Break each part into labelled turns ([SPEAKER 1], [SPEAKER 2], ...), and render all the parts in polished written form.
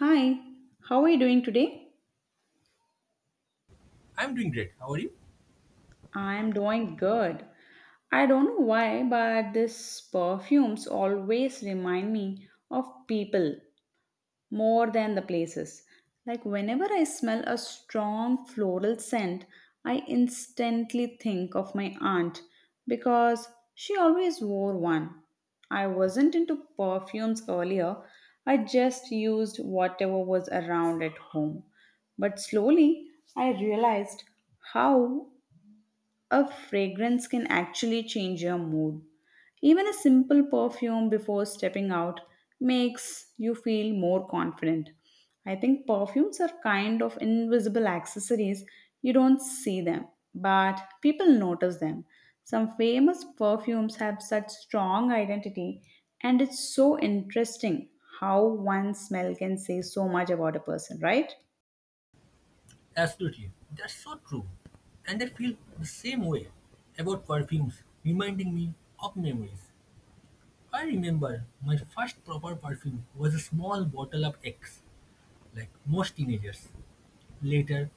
[SPEAKER 1] Hi, how are you doing today?
[SPEAKER 2] I'm doing great. How are you?
[SPEAKER 1] I'm doing good. I don't know why, but this perfumes always remind me of people more than the places. Like whenever I smell a strong floral scent, I instantly think of my aunt because she always wore one. I wasn't into perfumes earlier, I just used whatever was around at home. But slowly, I realized how a fragrance can actually change your mood. Even a simple perfume before stepping out makes you feel more confident. I think perfumes are kind of invisible accessories. You don't see them, but people notice them. Some famous perfumes have such strong identity, and it's so interesting how one smell can say so much about a person, right?
[SPEAKER 2] Absolutely. That's so true. And I feel the same way about perfumes, reminding me of memories. I remember my first proper perfume was a small bottle of X, like most teenagers. Later,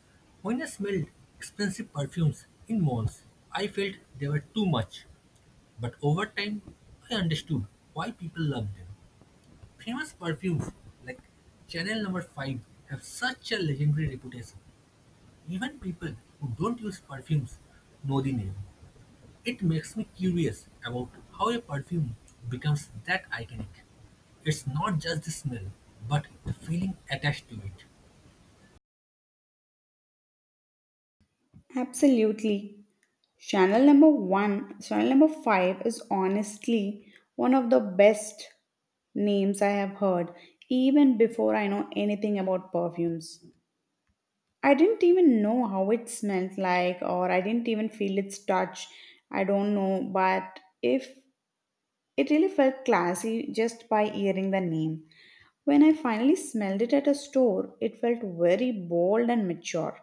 [SPEAKER 2] when I smelled expensive perfumes in malls, I felt they were too much. But over time, I understood why people love them. Famous perfumes like Chanel Number 5 have such a legendary reputation. Even people who don't use perfumes know the name. It makes me curious about how a perfume becomes that iconic. It's not just the smell, but the feeling attached to it.
[SPEAKER 1] Absolutely. Channel number one, channel number five is honestly one of the best names I have heard, even before I know anything about perfumes. I didn't even know how it smelled like, or I didn't even feel its touch. I don't know, but if it really felt classy just by hearing the name. When I finally smelled it at a store, it felt very bold and mature.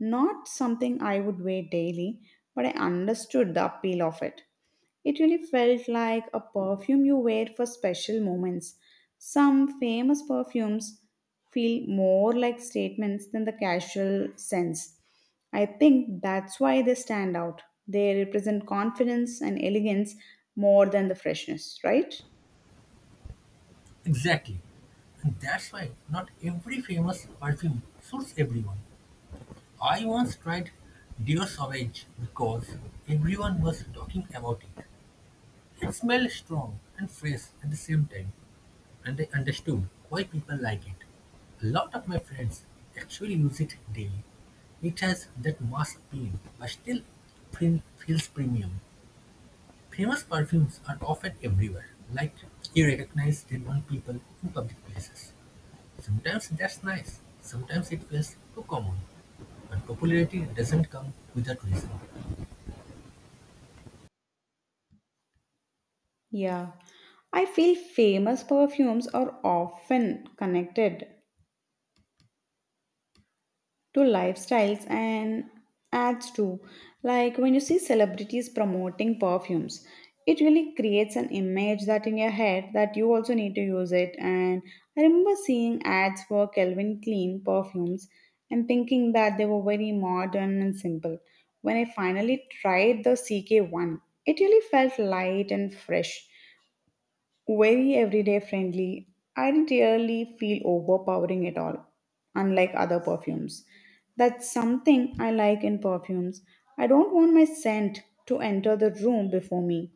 [SPEAKER 1] Not something I would wear daily, but I understood the appeal of it. It really felt like a perfume you wear for special moments. Some famous perfumes feel more like statements than the casual sense. I think that's why they stand out. They represent confidence and elegance more than the freshness, right?
[SPEAKER 2] Exactly. And that's why not every famous perfume suits everyone. I once tried Dior Sauvage because everyone was talking about it. It smelled strong and fresh at the same time, and I understood why people like it. A lot of my friends actually use it daily. It has that mass appeal, but still feels premium. Famous perfumes are often everywhere, like you recognize them on people in public places. Sometimes that's nice, sometimes it feels too common. But popularity doesn't come without reason.
[SPEAKER 1] Yeah. I feel famous perfumes are often connected to lifestyles and ads too. Like when you see celebrities promoting perfumes, it really creates an image that in your head that you also need to use it. And I remember seeing ads for Calvin Klein perfumes and thinking that they were very modern and simple. When I finally tried the CK1, it really felt light and fresh. Very everyday friendly. I rarely feel overpowering at all, unlike other perfumes. That's something I like in perfumes. I don't want my scent to enter the room before me.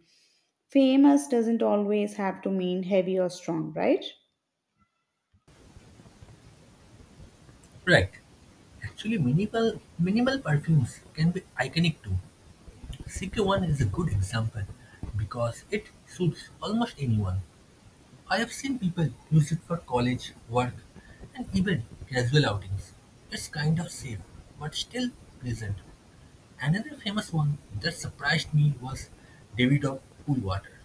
[SPEAKER 1] Famous doesn't always have to mean heavy or strong, right?
[SPEAKER 2] Right. Actually, minimal perfumes can be iconic too. CK1 is a good example because it suits almost anyone. I have seen people use it for college, work, and even casual outings. It's kind of safe, but still pleasant. Another famous one that surprised me was David of Cool Water.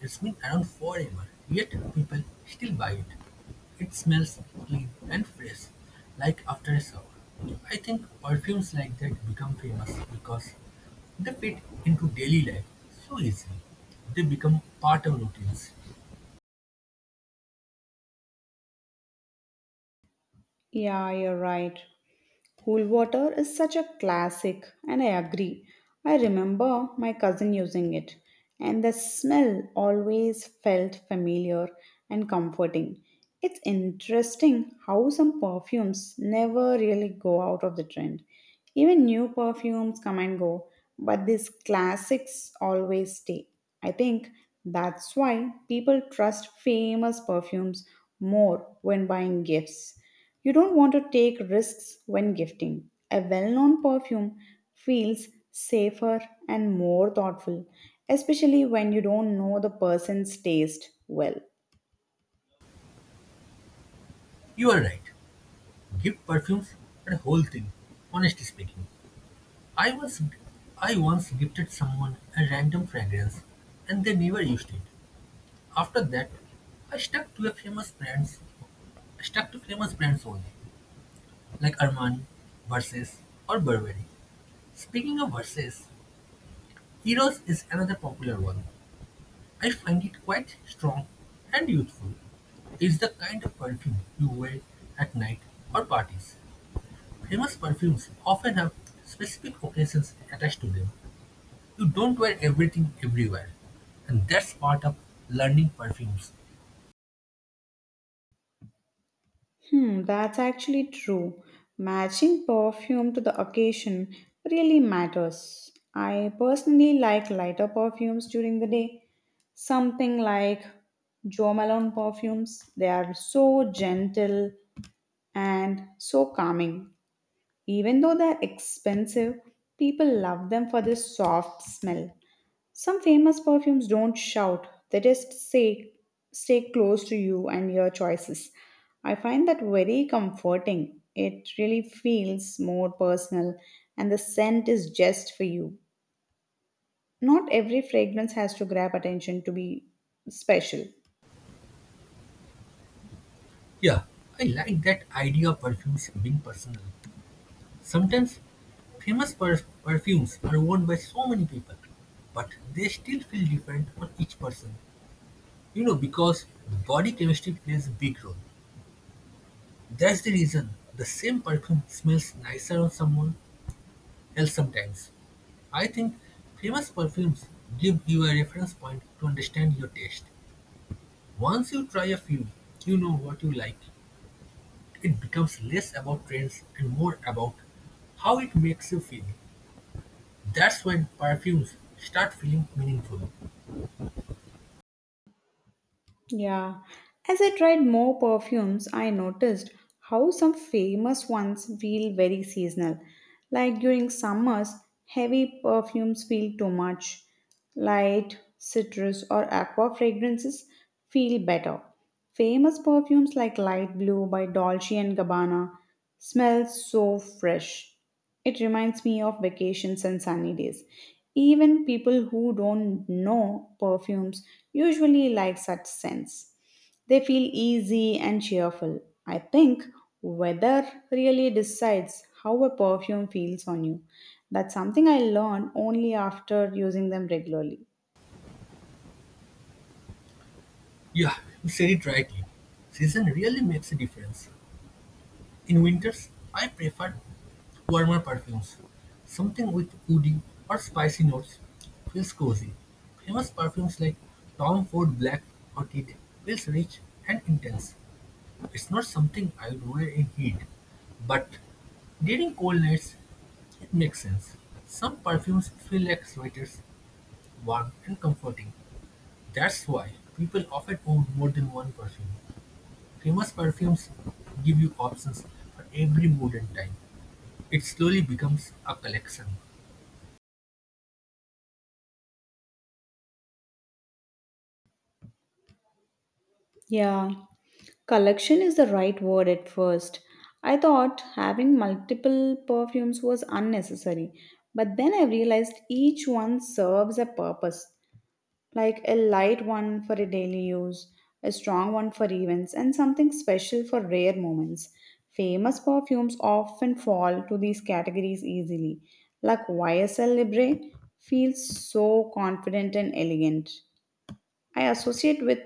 [SPEAKER 2] It's been around forever, yet people still buy it. It smells clean and fresh, like after a shower. I think perfumes like that become famous because they fit into daily life so easily. They become part of routines.
[SPEAKER 1] Yeah, you're right. Cool water is such a classic, and I agree. I remember my cousin using it, and the smell always felt familiar and comforting. It's interesting how some perfumes never really go out of the trend. Even new perfumes come and go, but these classics always stay. I think that's why people trust famous perfumes more when buying gifts. You don't want to take risks when gifting. A well known perfume feels safer and more thoughtful, especially when you don't know the person's taste well.
[SPEAKER 2] You are right. Gift perfumes are a whole thing, honestly speaking. I was I once gifted someone a random fragrance and they never used it. After that, I stuck to a famous brands I stuck to famous brands only, like Armani, Versace or Burberry. Speaking of Versace, Eros is another popular one. I find it quite strong and youthful. It's the kind of perfume you wear at night or parties. Famous perfumes often have specific occasions attached to them. You don't wear everything everywhere. And that's part of learning perfumes.
[SPEAKER 1] Hmm, that's actually true. Matching perfume to the occasion really matters. I personally like lighter perfumes during the day, something like Jo Malone perfumes. They are so gentle and so calming. Even though they're expensive, people love them for their soft smell. Some famous perfumes don't shout, they just say, stay close to you and your choices. I find that very comforting. It really feels more personal, and the scent is just for you. Not every fragrance has to grab attention to be special.
[SPEAKER 2] Yeah, I like that idea of perfumes being personal. Sometimes famous perfumes are worn by so many people, but they still feel different on each person. You know, because body chemistry plays a big role. That's the reason the same perfume smells nicer on someone else sometimes. I think famous perfumes give you a reference point to understand your taste. Once you try a few, you know what you like. It becomes less about trends and more about how it makes you feel. That's when perfumes start feeling meaningful.
[SPEAKER 1] Yeah. As I tried more perfumes, I noticed how some famous ones feel very seasonal. Like during summers, heavy perfumes feel too much. Light, citrus, or aqua fragrances feel better. Famous perfumes like Light Blue by Dolce and Gabbana smell so fresh. It reminds me of vacations and sunny days. Even people who don't know perfumes usually like such scents. They feel easy and cheerful. I think weather really decides how a perfume feels on you. That's something I learned only after using them regularly.
[SPEAKER 2] Yeah, you said it rightly. Season really makes a difference. In winters, I prefer warmer perfumes. Something with woody or spicy notes feels cozy. Famous perfumes like Tom Ford Black Orchid feels rich and intense. It's not something I would wear in heat, but during cold nights, it makes sense. Some perfumes feel like sweaters, warm and comforting. That's why people often own more than one perfume. Famous perfumes give you options for every mood and time. It slowly becomes a collection.
[SPEAKER 1] Yeah, collection is the right word at first. I thought having multiple perfumes was unnecessary, but then I realized each one serves a purpose like a light one for a daily use, a strong one for events, and something special for rare moments. Famous perfumes often fall to these categories easily, like YSL Libre feels so confident and elegant. I associate with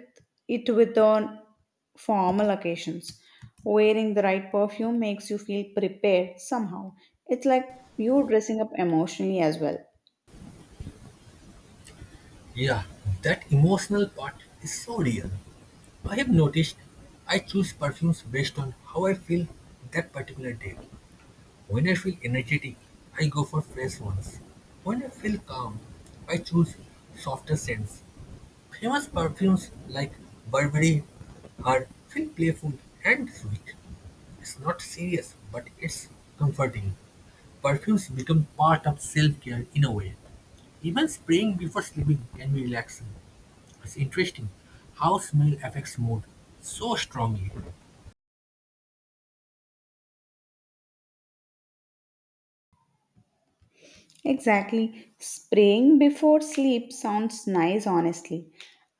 [SPEAKER 1] it with on formal occasions. Wearing the right perfume makes you feel prepared somehow. It's like you dressing up emotionally as well.
[SPEAKER 2] Yeah, that emotional part is so real. I have noticed I choose perfumes based on how I feel that particular day. When I feel energetic, I go for fresh ones. When I feel calm, I choose softer scents. Famous perfumes like Burberry are feel playful and sweet. It's not serious, but it's comforting. Perfumes become part of self-care in a way. Even spraying before sleeping can be relaxing. It's interesting how smell affects mood so strongly.
[SPEAKER 1] Exactly. Spraying before sleep sounds nice honestly.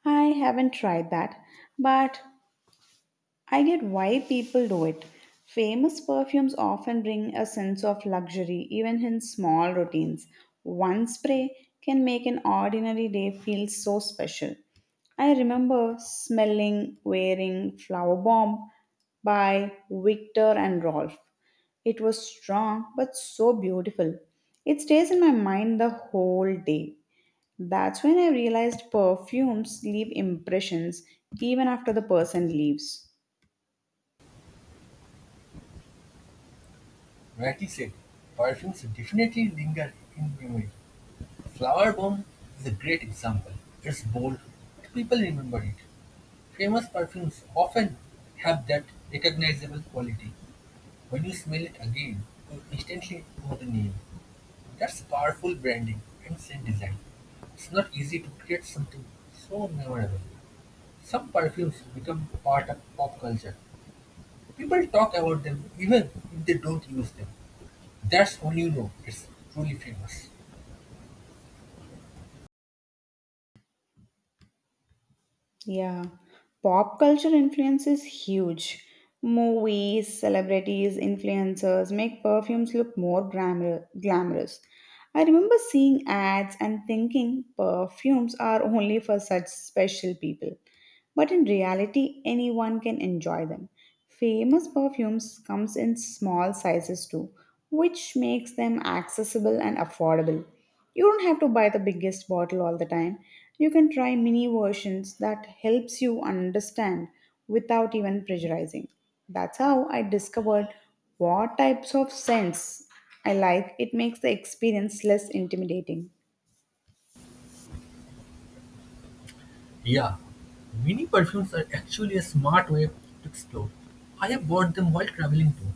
[SPEAKER 1] I haven't tried that, but I get why people do it. Famous perfumes often bring a sense of luxury, even in small routines. One spray can make an ordinary day feel so special. I remember smelling wearing Flower Bomb by Victor and Rolf. It was strong but so beautiful. It stays in my mind the whole day. That's when I realized perfumes leave impressions even after the person leaves.
[SPEAKER 2] Rightly said, perfumes definitely linger in memory. Flower Bomb is a great example; it's bold, but people remember it. Famous perfumes often have that recognizable quality. When you smell it again, you instantly know the name. That's powerful branding and scent design. It's not easy to create something so memorable. Some perfumes become part of pop culture. People talk about them even if they don't use them. That's when you know it's truly famous.
[SPEAKER 1] Yeah, pop culture influence is huge. Movies, celebrities, influencers make perfumes look more glamorous. I remember seeing ads and thinking perfumes are only for such special people but in reality anyone can enjoy them. Famous perfumes comes in small sizes too, which makes them accessible and affordable. You don't have to buy the biggest bottle all the time. You can try mini versions that helps you understand without even pressurizing. That's how I discovered what types of scents I like. It makes the experience less intimidating.
[SPEAKER 2] Yeah, mini perfumes are actually a smart way to explore. I have bought them while traveling too.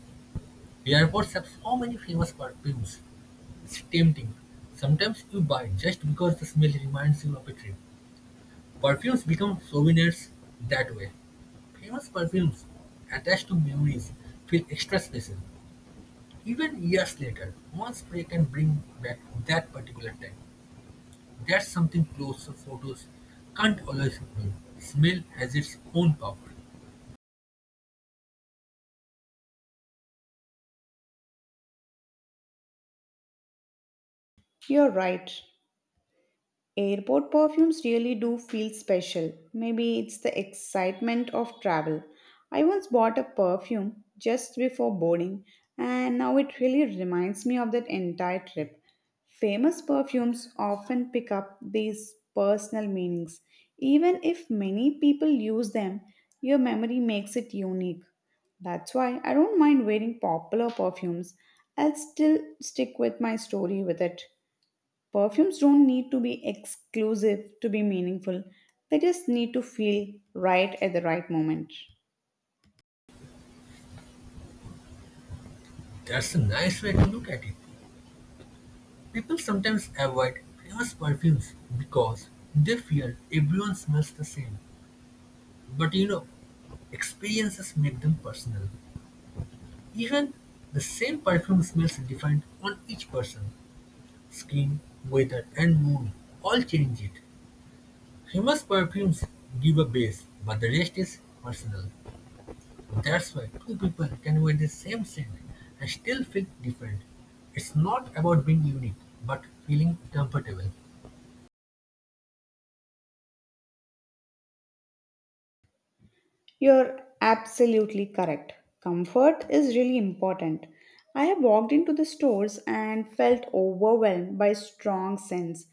[SPEAKER 2] Airports have so many famous perfumes. It's tempting. Sometimes you buy just because the smell reminds you of a trip. Perfumes become souvenirs that way. Famous perfumes attached to memories feel extra special. Even years later, one spray can bring back that particular time. That's something close to photos can't always ignore. Smell has its own power.
[SPEAKER 1] You're right. Airport perfumes really do feel special. Maybe it's the excitement of travel. I once bought a perfume just before boarding, and now it really reminds me of that entire trip. Famous perfumes often pick up these personal meanings. Even if many people use them, your memory makes it unique. That's why I don't mind wearing popular perfumes. I'll still stick with my story with it. Perfumes don't need to be exclusive to be meaningful, they just need to feel right at the right moment.
[SPEAKER 2] That's a nice way to look at it. People sometimes avoid famous perfumes because they fear everyone smells the same. But you know, experiences make them personal. Even the same perfume smells different on each person. Skin, weather, and mood all change it. Famous perfumes give a base, but the rest is personal. That's why two people can wear the same scent and still feel different. It's not about being unique, but feeling comfortable.
[SPEAKER 1] You're absolutely correct. Comfort is really important. I have walked into the stores and felt overwhelmed by strong scents.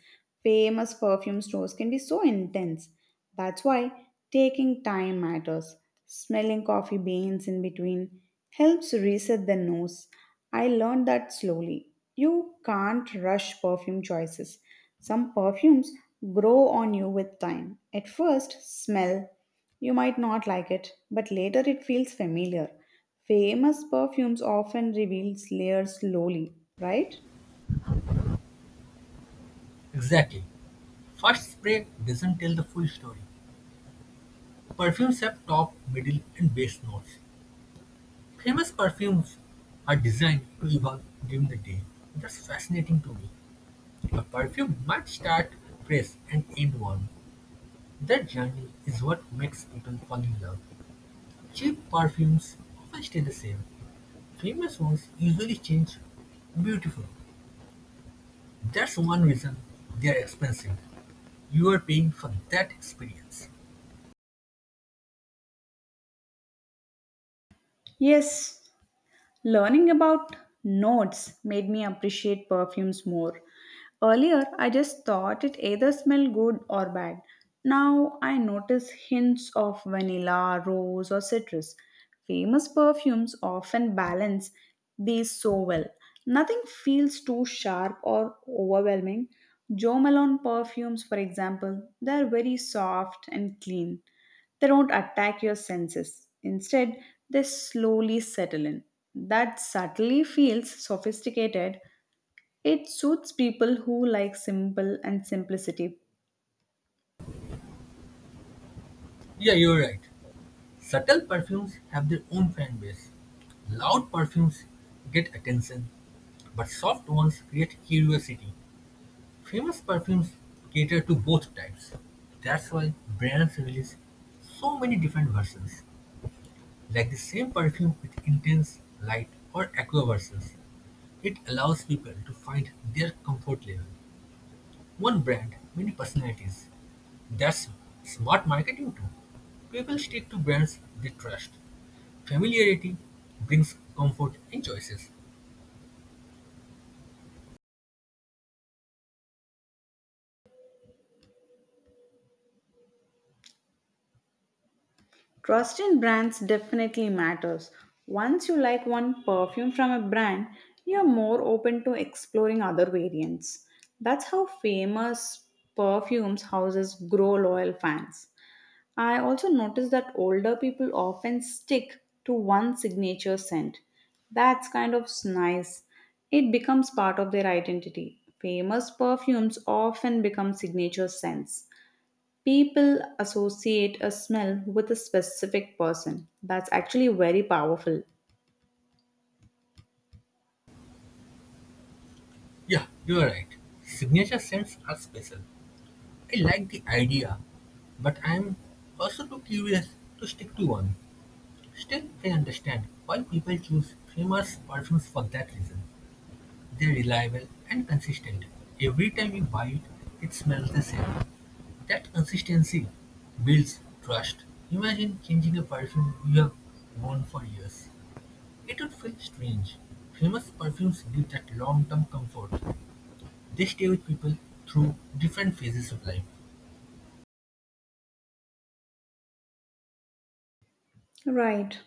[SPEAKER 1] Famous perfume stores can be so intense. That's why taking time matters. Smelling coffee beans in between helps reset the nose. I learned that slowly. You can't rush perfume choices. Some perfumes grow on you with time. At first, smell you might not like it, but later it feels familiar. Famous perfumes often reveal layers slowly, right?
[SPEAKER 2] Exactly. First spray doesn't tell the full story. Perfumes have top, middle, and base notes. Famous perfumes are designed to evolve during the day. That's fascinating to me. A perfume might start fresh and end warm. That journey is what makes people fall in love. Cheap perfumes often stay the same. Famous ones usually change. Beautiful. That's one reason they are expensive. You are paying for that experience.
[SPEAKER 1] Yes, learning about notes made me appreciate perfumes more. Earlier, I just thought it either smelled good or bad. Now I notice hints of vanilla, rose, or citrus. Famous perfumes often balance these so well. Nothing feels too sharp or overwhelming. Jo Malone perfumes, for example, they are very soft and clean. They don't attack your senses. Instead, they slowly settle in. That subtly feels sophisticated. It suits people who like simple and simplicity.
[SPEAKER 2] Yeah, you're right. Subtle perfumes have their own fan base. Loud perfumes get attention, but soft ones create curiosity. Famous perfumes cater to both types. That's why brands release so many different versions, like the same perfume with intense, light, or aqua versions. It allows people to find their comfort level. One brand, many personalities. That's smart marketing too. People stick to brands they trust. Familiarity brings comfort in choices.
[SPEAKER 1] Trust in brands definitely matters. Once you like one perfume from a brand, you're more open to exploring other variants. That's how famous perfumes houses grow loyal fans. I also notice that older people often stick to one signature scent. That's kind of nice. It becomes part of their identity. Famous perfumes often become signature scents. People associate a smell with a specific person. That's actually very powerful.
[SPEAKER 2] Yeah, you're right. Signature scents are special. I like the idea, but I'm also too curious to stick to one. Still, I understand why people choose famous perfumes for that reason. They're reliable and consistent. Every time you buy it, it smells the same. That consistency builds trust. Imagine changing a perfume you have worn for years. It would feel strange. Famous perfumes give that long-term comfort. They stay with people through different phases of life.
[SPEAKER 1] Right.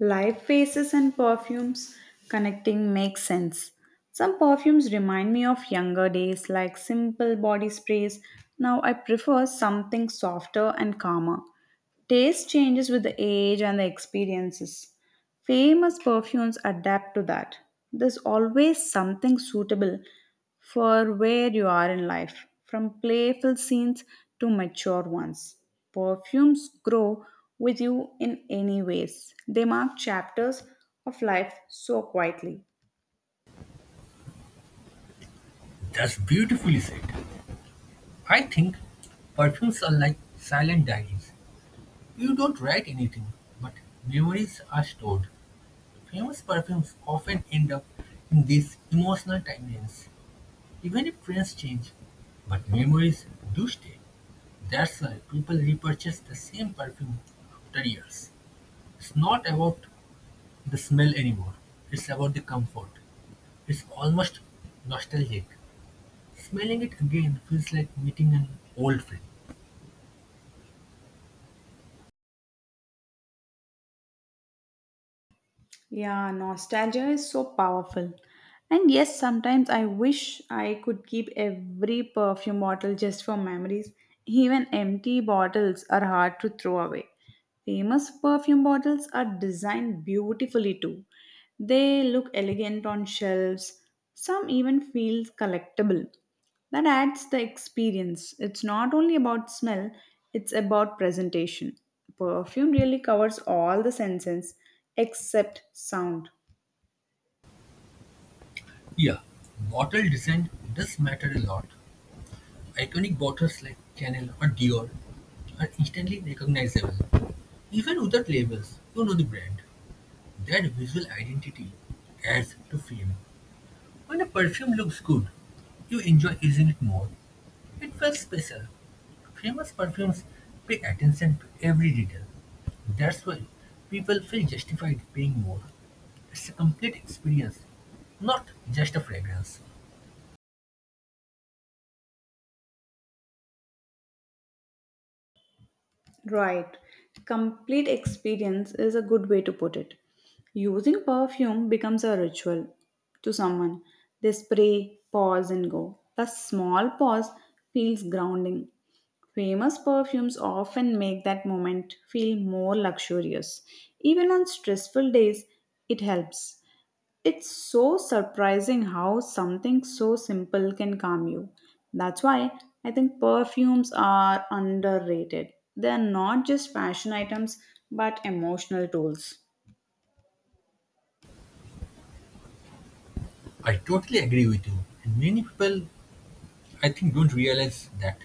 [SPEAKER 1] Live faces and perfumes connecting makes sense. Some perfumes remind me of younger days, like simple body sprays. Now I prefer something softer and calmer. Taste changes with the age and the experiences. Famous perfumes adapt to that. There's always something suitable for where you are in life, from playful scenes to mature ones. Perfumes grow with you in any ways. They mark chapters of life so quietly.
[SPEAKER 2] That's beautifully said. I think perfumes are like silent diaries. You don't write anything, but memories are stored. Famous perfumes often end up in these emotional timelines, even if trends change. But memories do stay. That's why people repurchase the same perfume after years. It's not about the smell anymore. It's about the comfort. It's almost nostalgic. Smelling it again feels like meeting an old friend.
[SPEAKER 1] Yeah, nostalgia is so powerful. And yes, sometimes I wish I could keep every perfume bottle just for memories. Even empty bottles are hard to throw away. Famous perfume bottles are designed beautifully too. They look elegant on shelves. Some even feel collectible. That adds the experience. It's not only about smell, it's about presentation. Perfume really covers all the senses except sound.
[SPEAKER 2] Yeah, bottle design does matter a lot. Iconic bottles like Chanel or Dior are instantly recognizable. Even without labels, you know the brand. That visual identity adds to fame. When a perfume looks good, you enjoy using it more. It felt special. Famous perfumes pay attention to every detail. That's why people feel justified paying more. It's a complete experience, not just a fragrance.
[SPEAKER 1] Right. Complete experience is a good way to put it. Using perfume becomes a ritual to someone. They spray, pause, and go. The small pause feels grounding. Famous perfumes often make that moment feel more luxurious. Even on stressful days, it helps. It's so surprising how something so simple can calm you. That's why I think perfumes are underrated. They're not just fashion items, but emotional tools.
[SPEAKER 2] I totally agree with you. And many people, I think, don't realize that.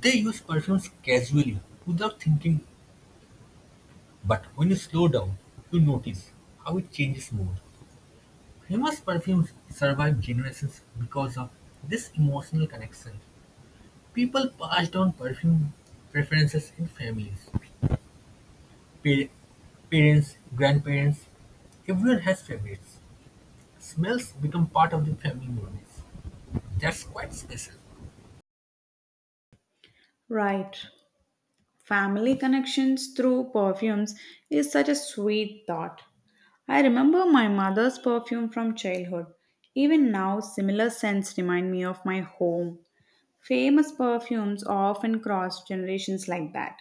[SPEAKER 2] They use perfumes casually, without thinking, but when you slow down, you notice how it changes mood. Famous perfumes survive generations because of this emotional connection. People passed down perfume preferences in families. Pa- Parents, grandparents, everyone has favorites. Smells become part of the family memories. That's quite special.
[SPEAKER 1] Right. Family connections through perfumes is such a sweet thought. I remember my mother's perfume from childhood. Even now, similar scents remind me of my home. Famous perfumes often cross generations like that.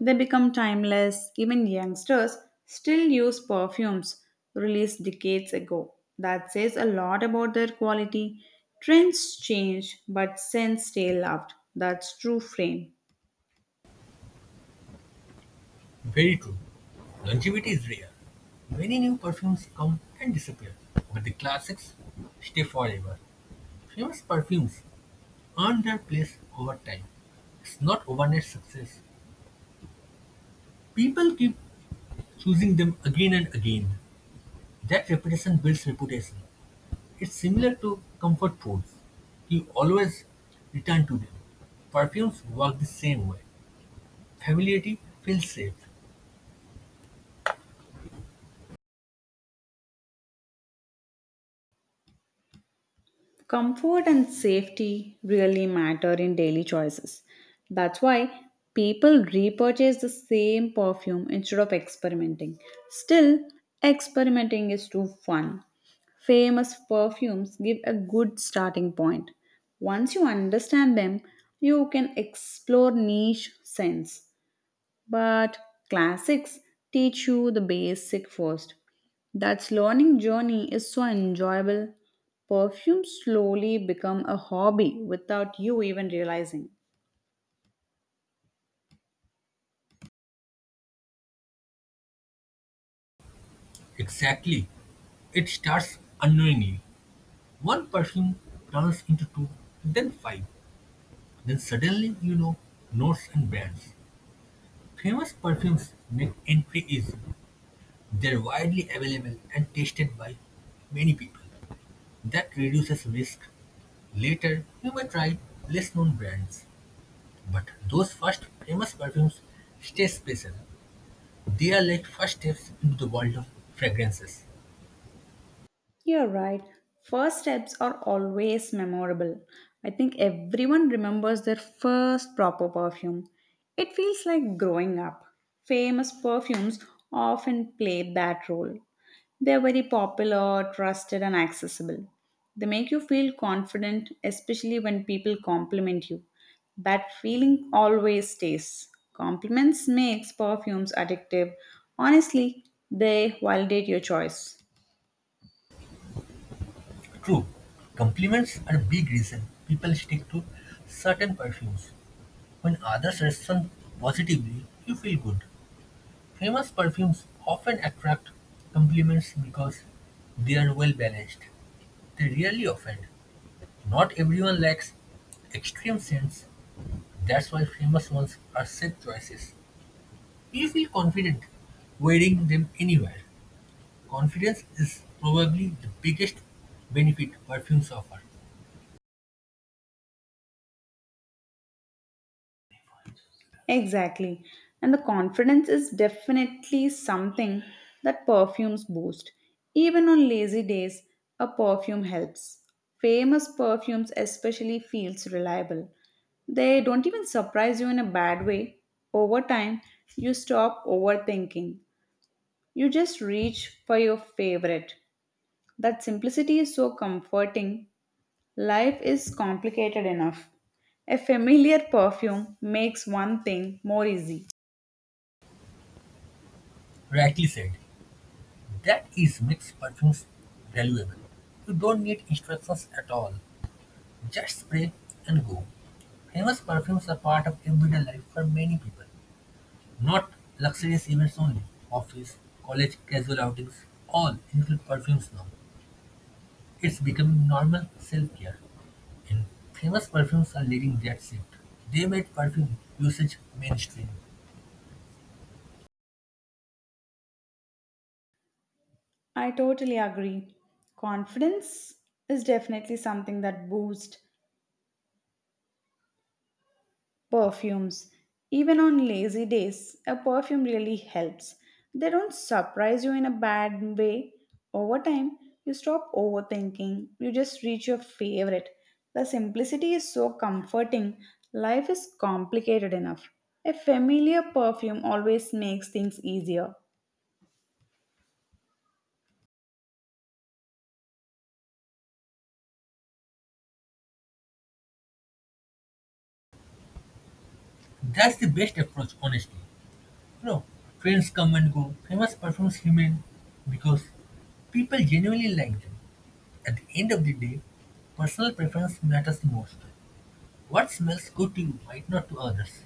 [SPEAKER 1] They become timeless. Even youngsters still use perfumes released decades ago. That says a lot about their quality. Trends change, but scents stay loved. That's true fame.
[SPEAKER 2] Very true. Longevity is rare. Many new perfumes come and disappear, but the classics stay forever. Famous perfumes earn their place over time. It's not overnight success. People keep choosing them again and again. That repetition builds reputation. It's similar to comfort foods. You always return to them. Perfumes work the same way. Familiarity feels safe.
[SPEAKER 1] Comfort and safety really matter in daily choices. That's why people repurchase the same perfume instead of experimenting. Still, experimenting is too fun. Famous perfumes give a good starting point. Once you understand them, you can explore niche scents. But classics teach you the basic first. That learning journey is so enjoyable. Perfume slowly become a hobby without you even realizing.
[SPEAKER 2] Exactly. It starts unknowingly. One perfume turns into two, then five. Then suddenly you know notes and brands. Famous perfumes make entry easy. They're widely available and tasted by many people. That reduces risk. Later, you may try less known brands. But those first famous perfumes stay special. They are like first steps into the world of fragrances.
[SPEAKER 1] You're right. First steps are always memorable. I think everyone remembers their first proper perfume. It feels like growing up. Famous perfumes often play that role. They're very popular, trusted, and accessible. They make you feel confident, especially when people compliment you. That feeling always stays. Compliments makes perfumes addictive. Honestly, they validate your choice.
[SPEAKER 2] True, compliments are a big reason people stick to certain perfumes. When others respond positively, you feel good. Famous perfumes often attract compliments because they are well balanced. They rarely offend. Not everyone likes extreme scents. That's why famous ones are safe choices. We feel confident wearing them anywhere. Confidence is probably the biggest benefit perfumes offer.
[SPEAKER 1] Exactly. And the confidence is definitely something that perfumes boost. Even on lazy days, a perfume helps. Famous perfumes especially feels reliable. They don't even surprise you in a bad way. Over time, you stop overthinking. You just reach for your favorite. That simplicity is so comforting. Life is complicated enough. A familiar perfume makes one thing more easy.
[SPEAKER 2] Rightly said. That is makes perfumes valuable. You don't need instructions at all. Just spray and go. Famous perfumes are part of everyday life for many people. Not luxurious events only. Office, college, casual outings, all include perfumes now. It's becoming normal self-care. And famous perfumes are leading that shift. They made perfume usage mainstream.
[SPEAKER 1] I totally agree. Confidence is definitely something that boosts perfumes. Even on lazy days, a perfume really helps. They don't surprise you in a bad way. Over time, you stop overthinking. You just reach your favorite. The simplicity is so comforting. Life is complicated enough. A familiar perfume always makes things easier.
[SPEAKER 2] That's the best approach, honestly. You know, trends come and go. Famous perfumes remain because people genuinely like them. At the end of the day, personal preference matters the most. What smells good to you might not to others,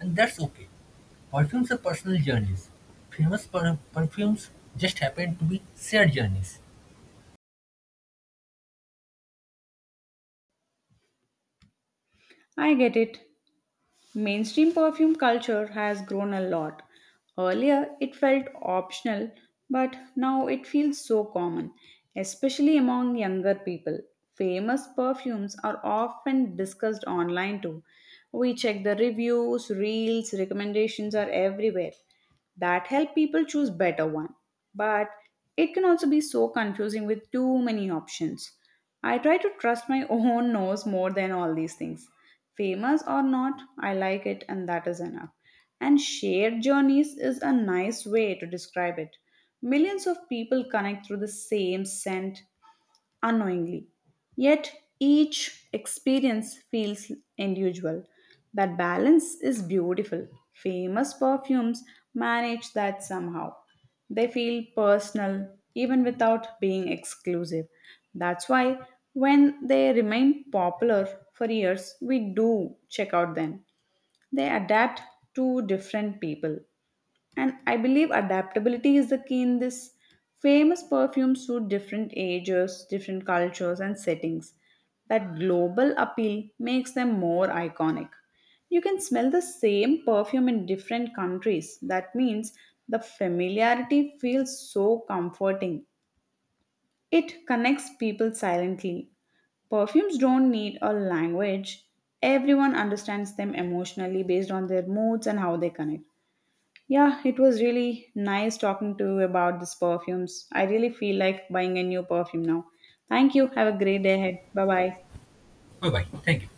[SPEAKER 2] and that's okay. Perfumes are personal journeys. Famous perfumes just happen to be shared journeys.
[SPEAKER 1] I get it. Mainstream perfume culture has grown a lot. Earlier, it felt optional, but now it feels so common, especially among younger people. Famous perfumes are often discussed online too. We check the reviews, reels, recommendations are everywhere that help people choose better one, but it can also be so confusing with too many options. I try to trust my own nose more than all these things. Famous or not, I like it and that is enough. And shared journeys is a nice way to describe it. Millions of people connect through the same scent unknowingly. Yet each experience feels individual. That balance is beautiful. Famous perfumes manage that somehow. They feel personal even without being exclusive. That's why when they remain popular for years, we do check out them. They adapt to different people. And I believe adaptability is the key in this. Famous perfumes suit different ages, different cultures, and settings. That global appeal makes them more iconic. You can smell the same perfume in different countries. That means the familiarity feels so comforting. It connects people silently. Perfumes don't need a language, everyone understands them emotionally based on their moods and how they connect. Yeah, it was really nice talking to you about these perfumes. I really feel like buying a new perfume now. Thank you. Have a great day ahead. Bye bye.
[SPEAKER 2] Bye bye. Thank you.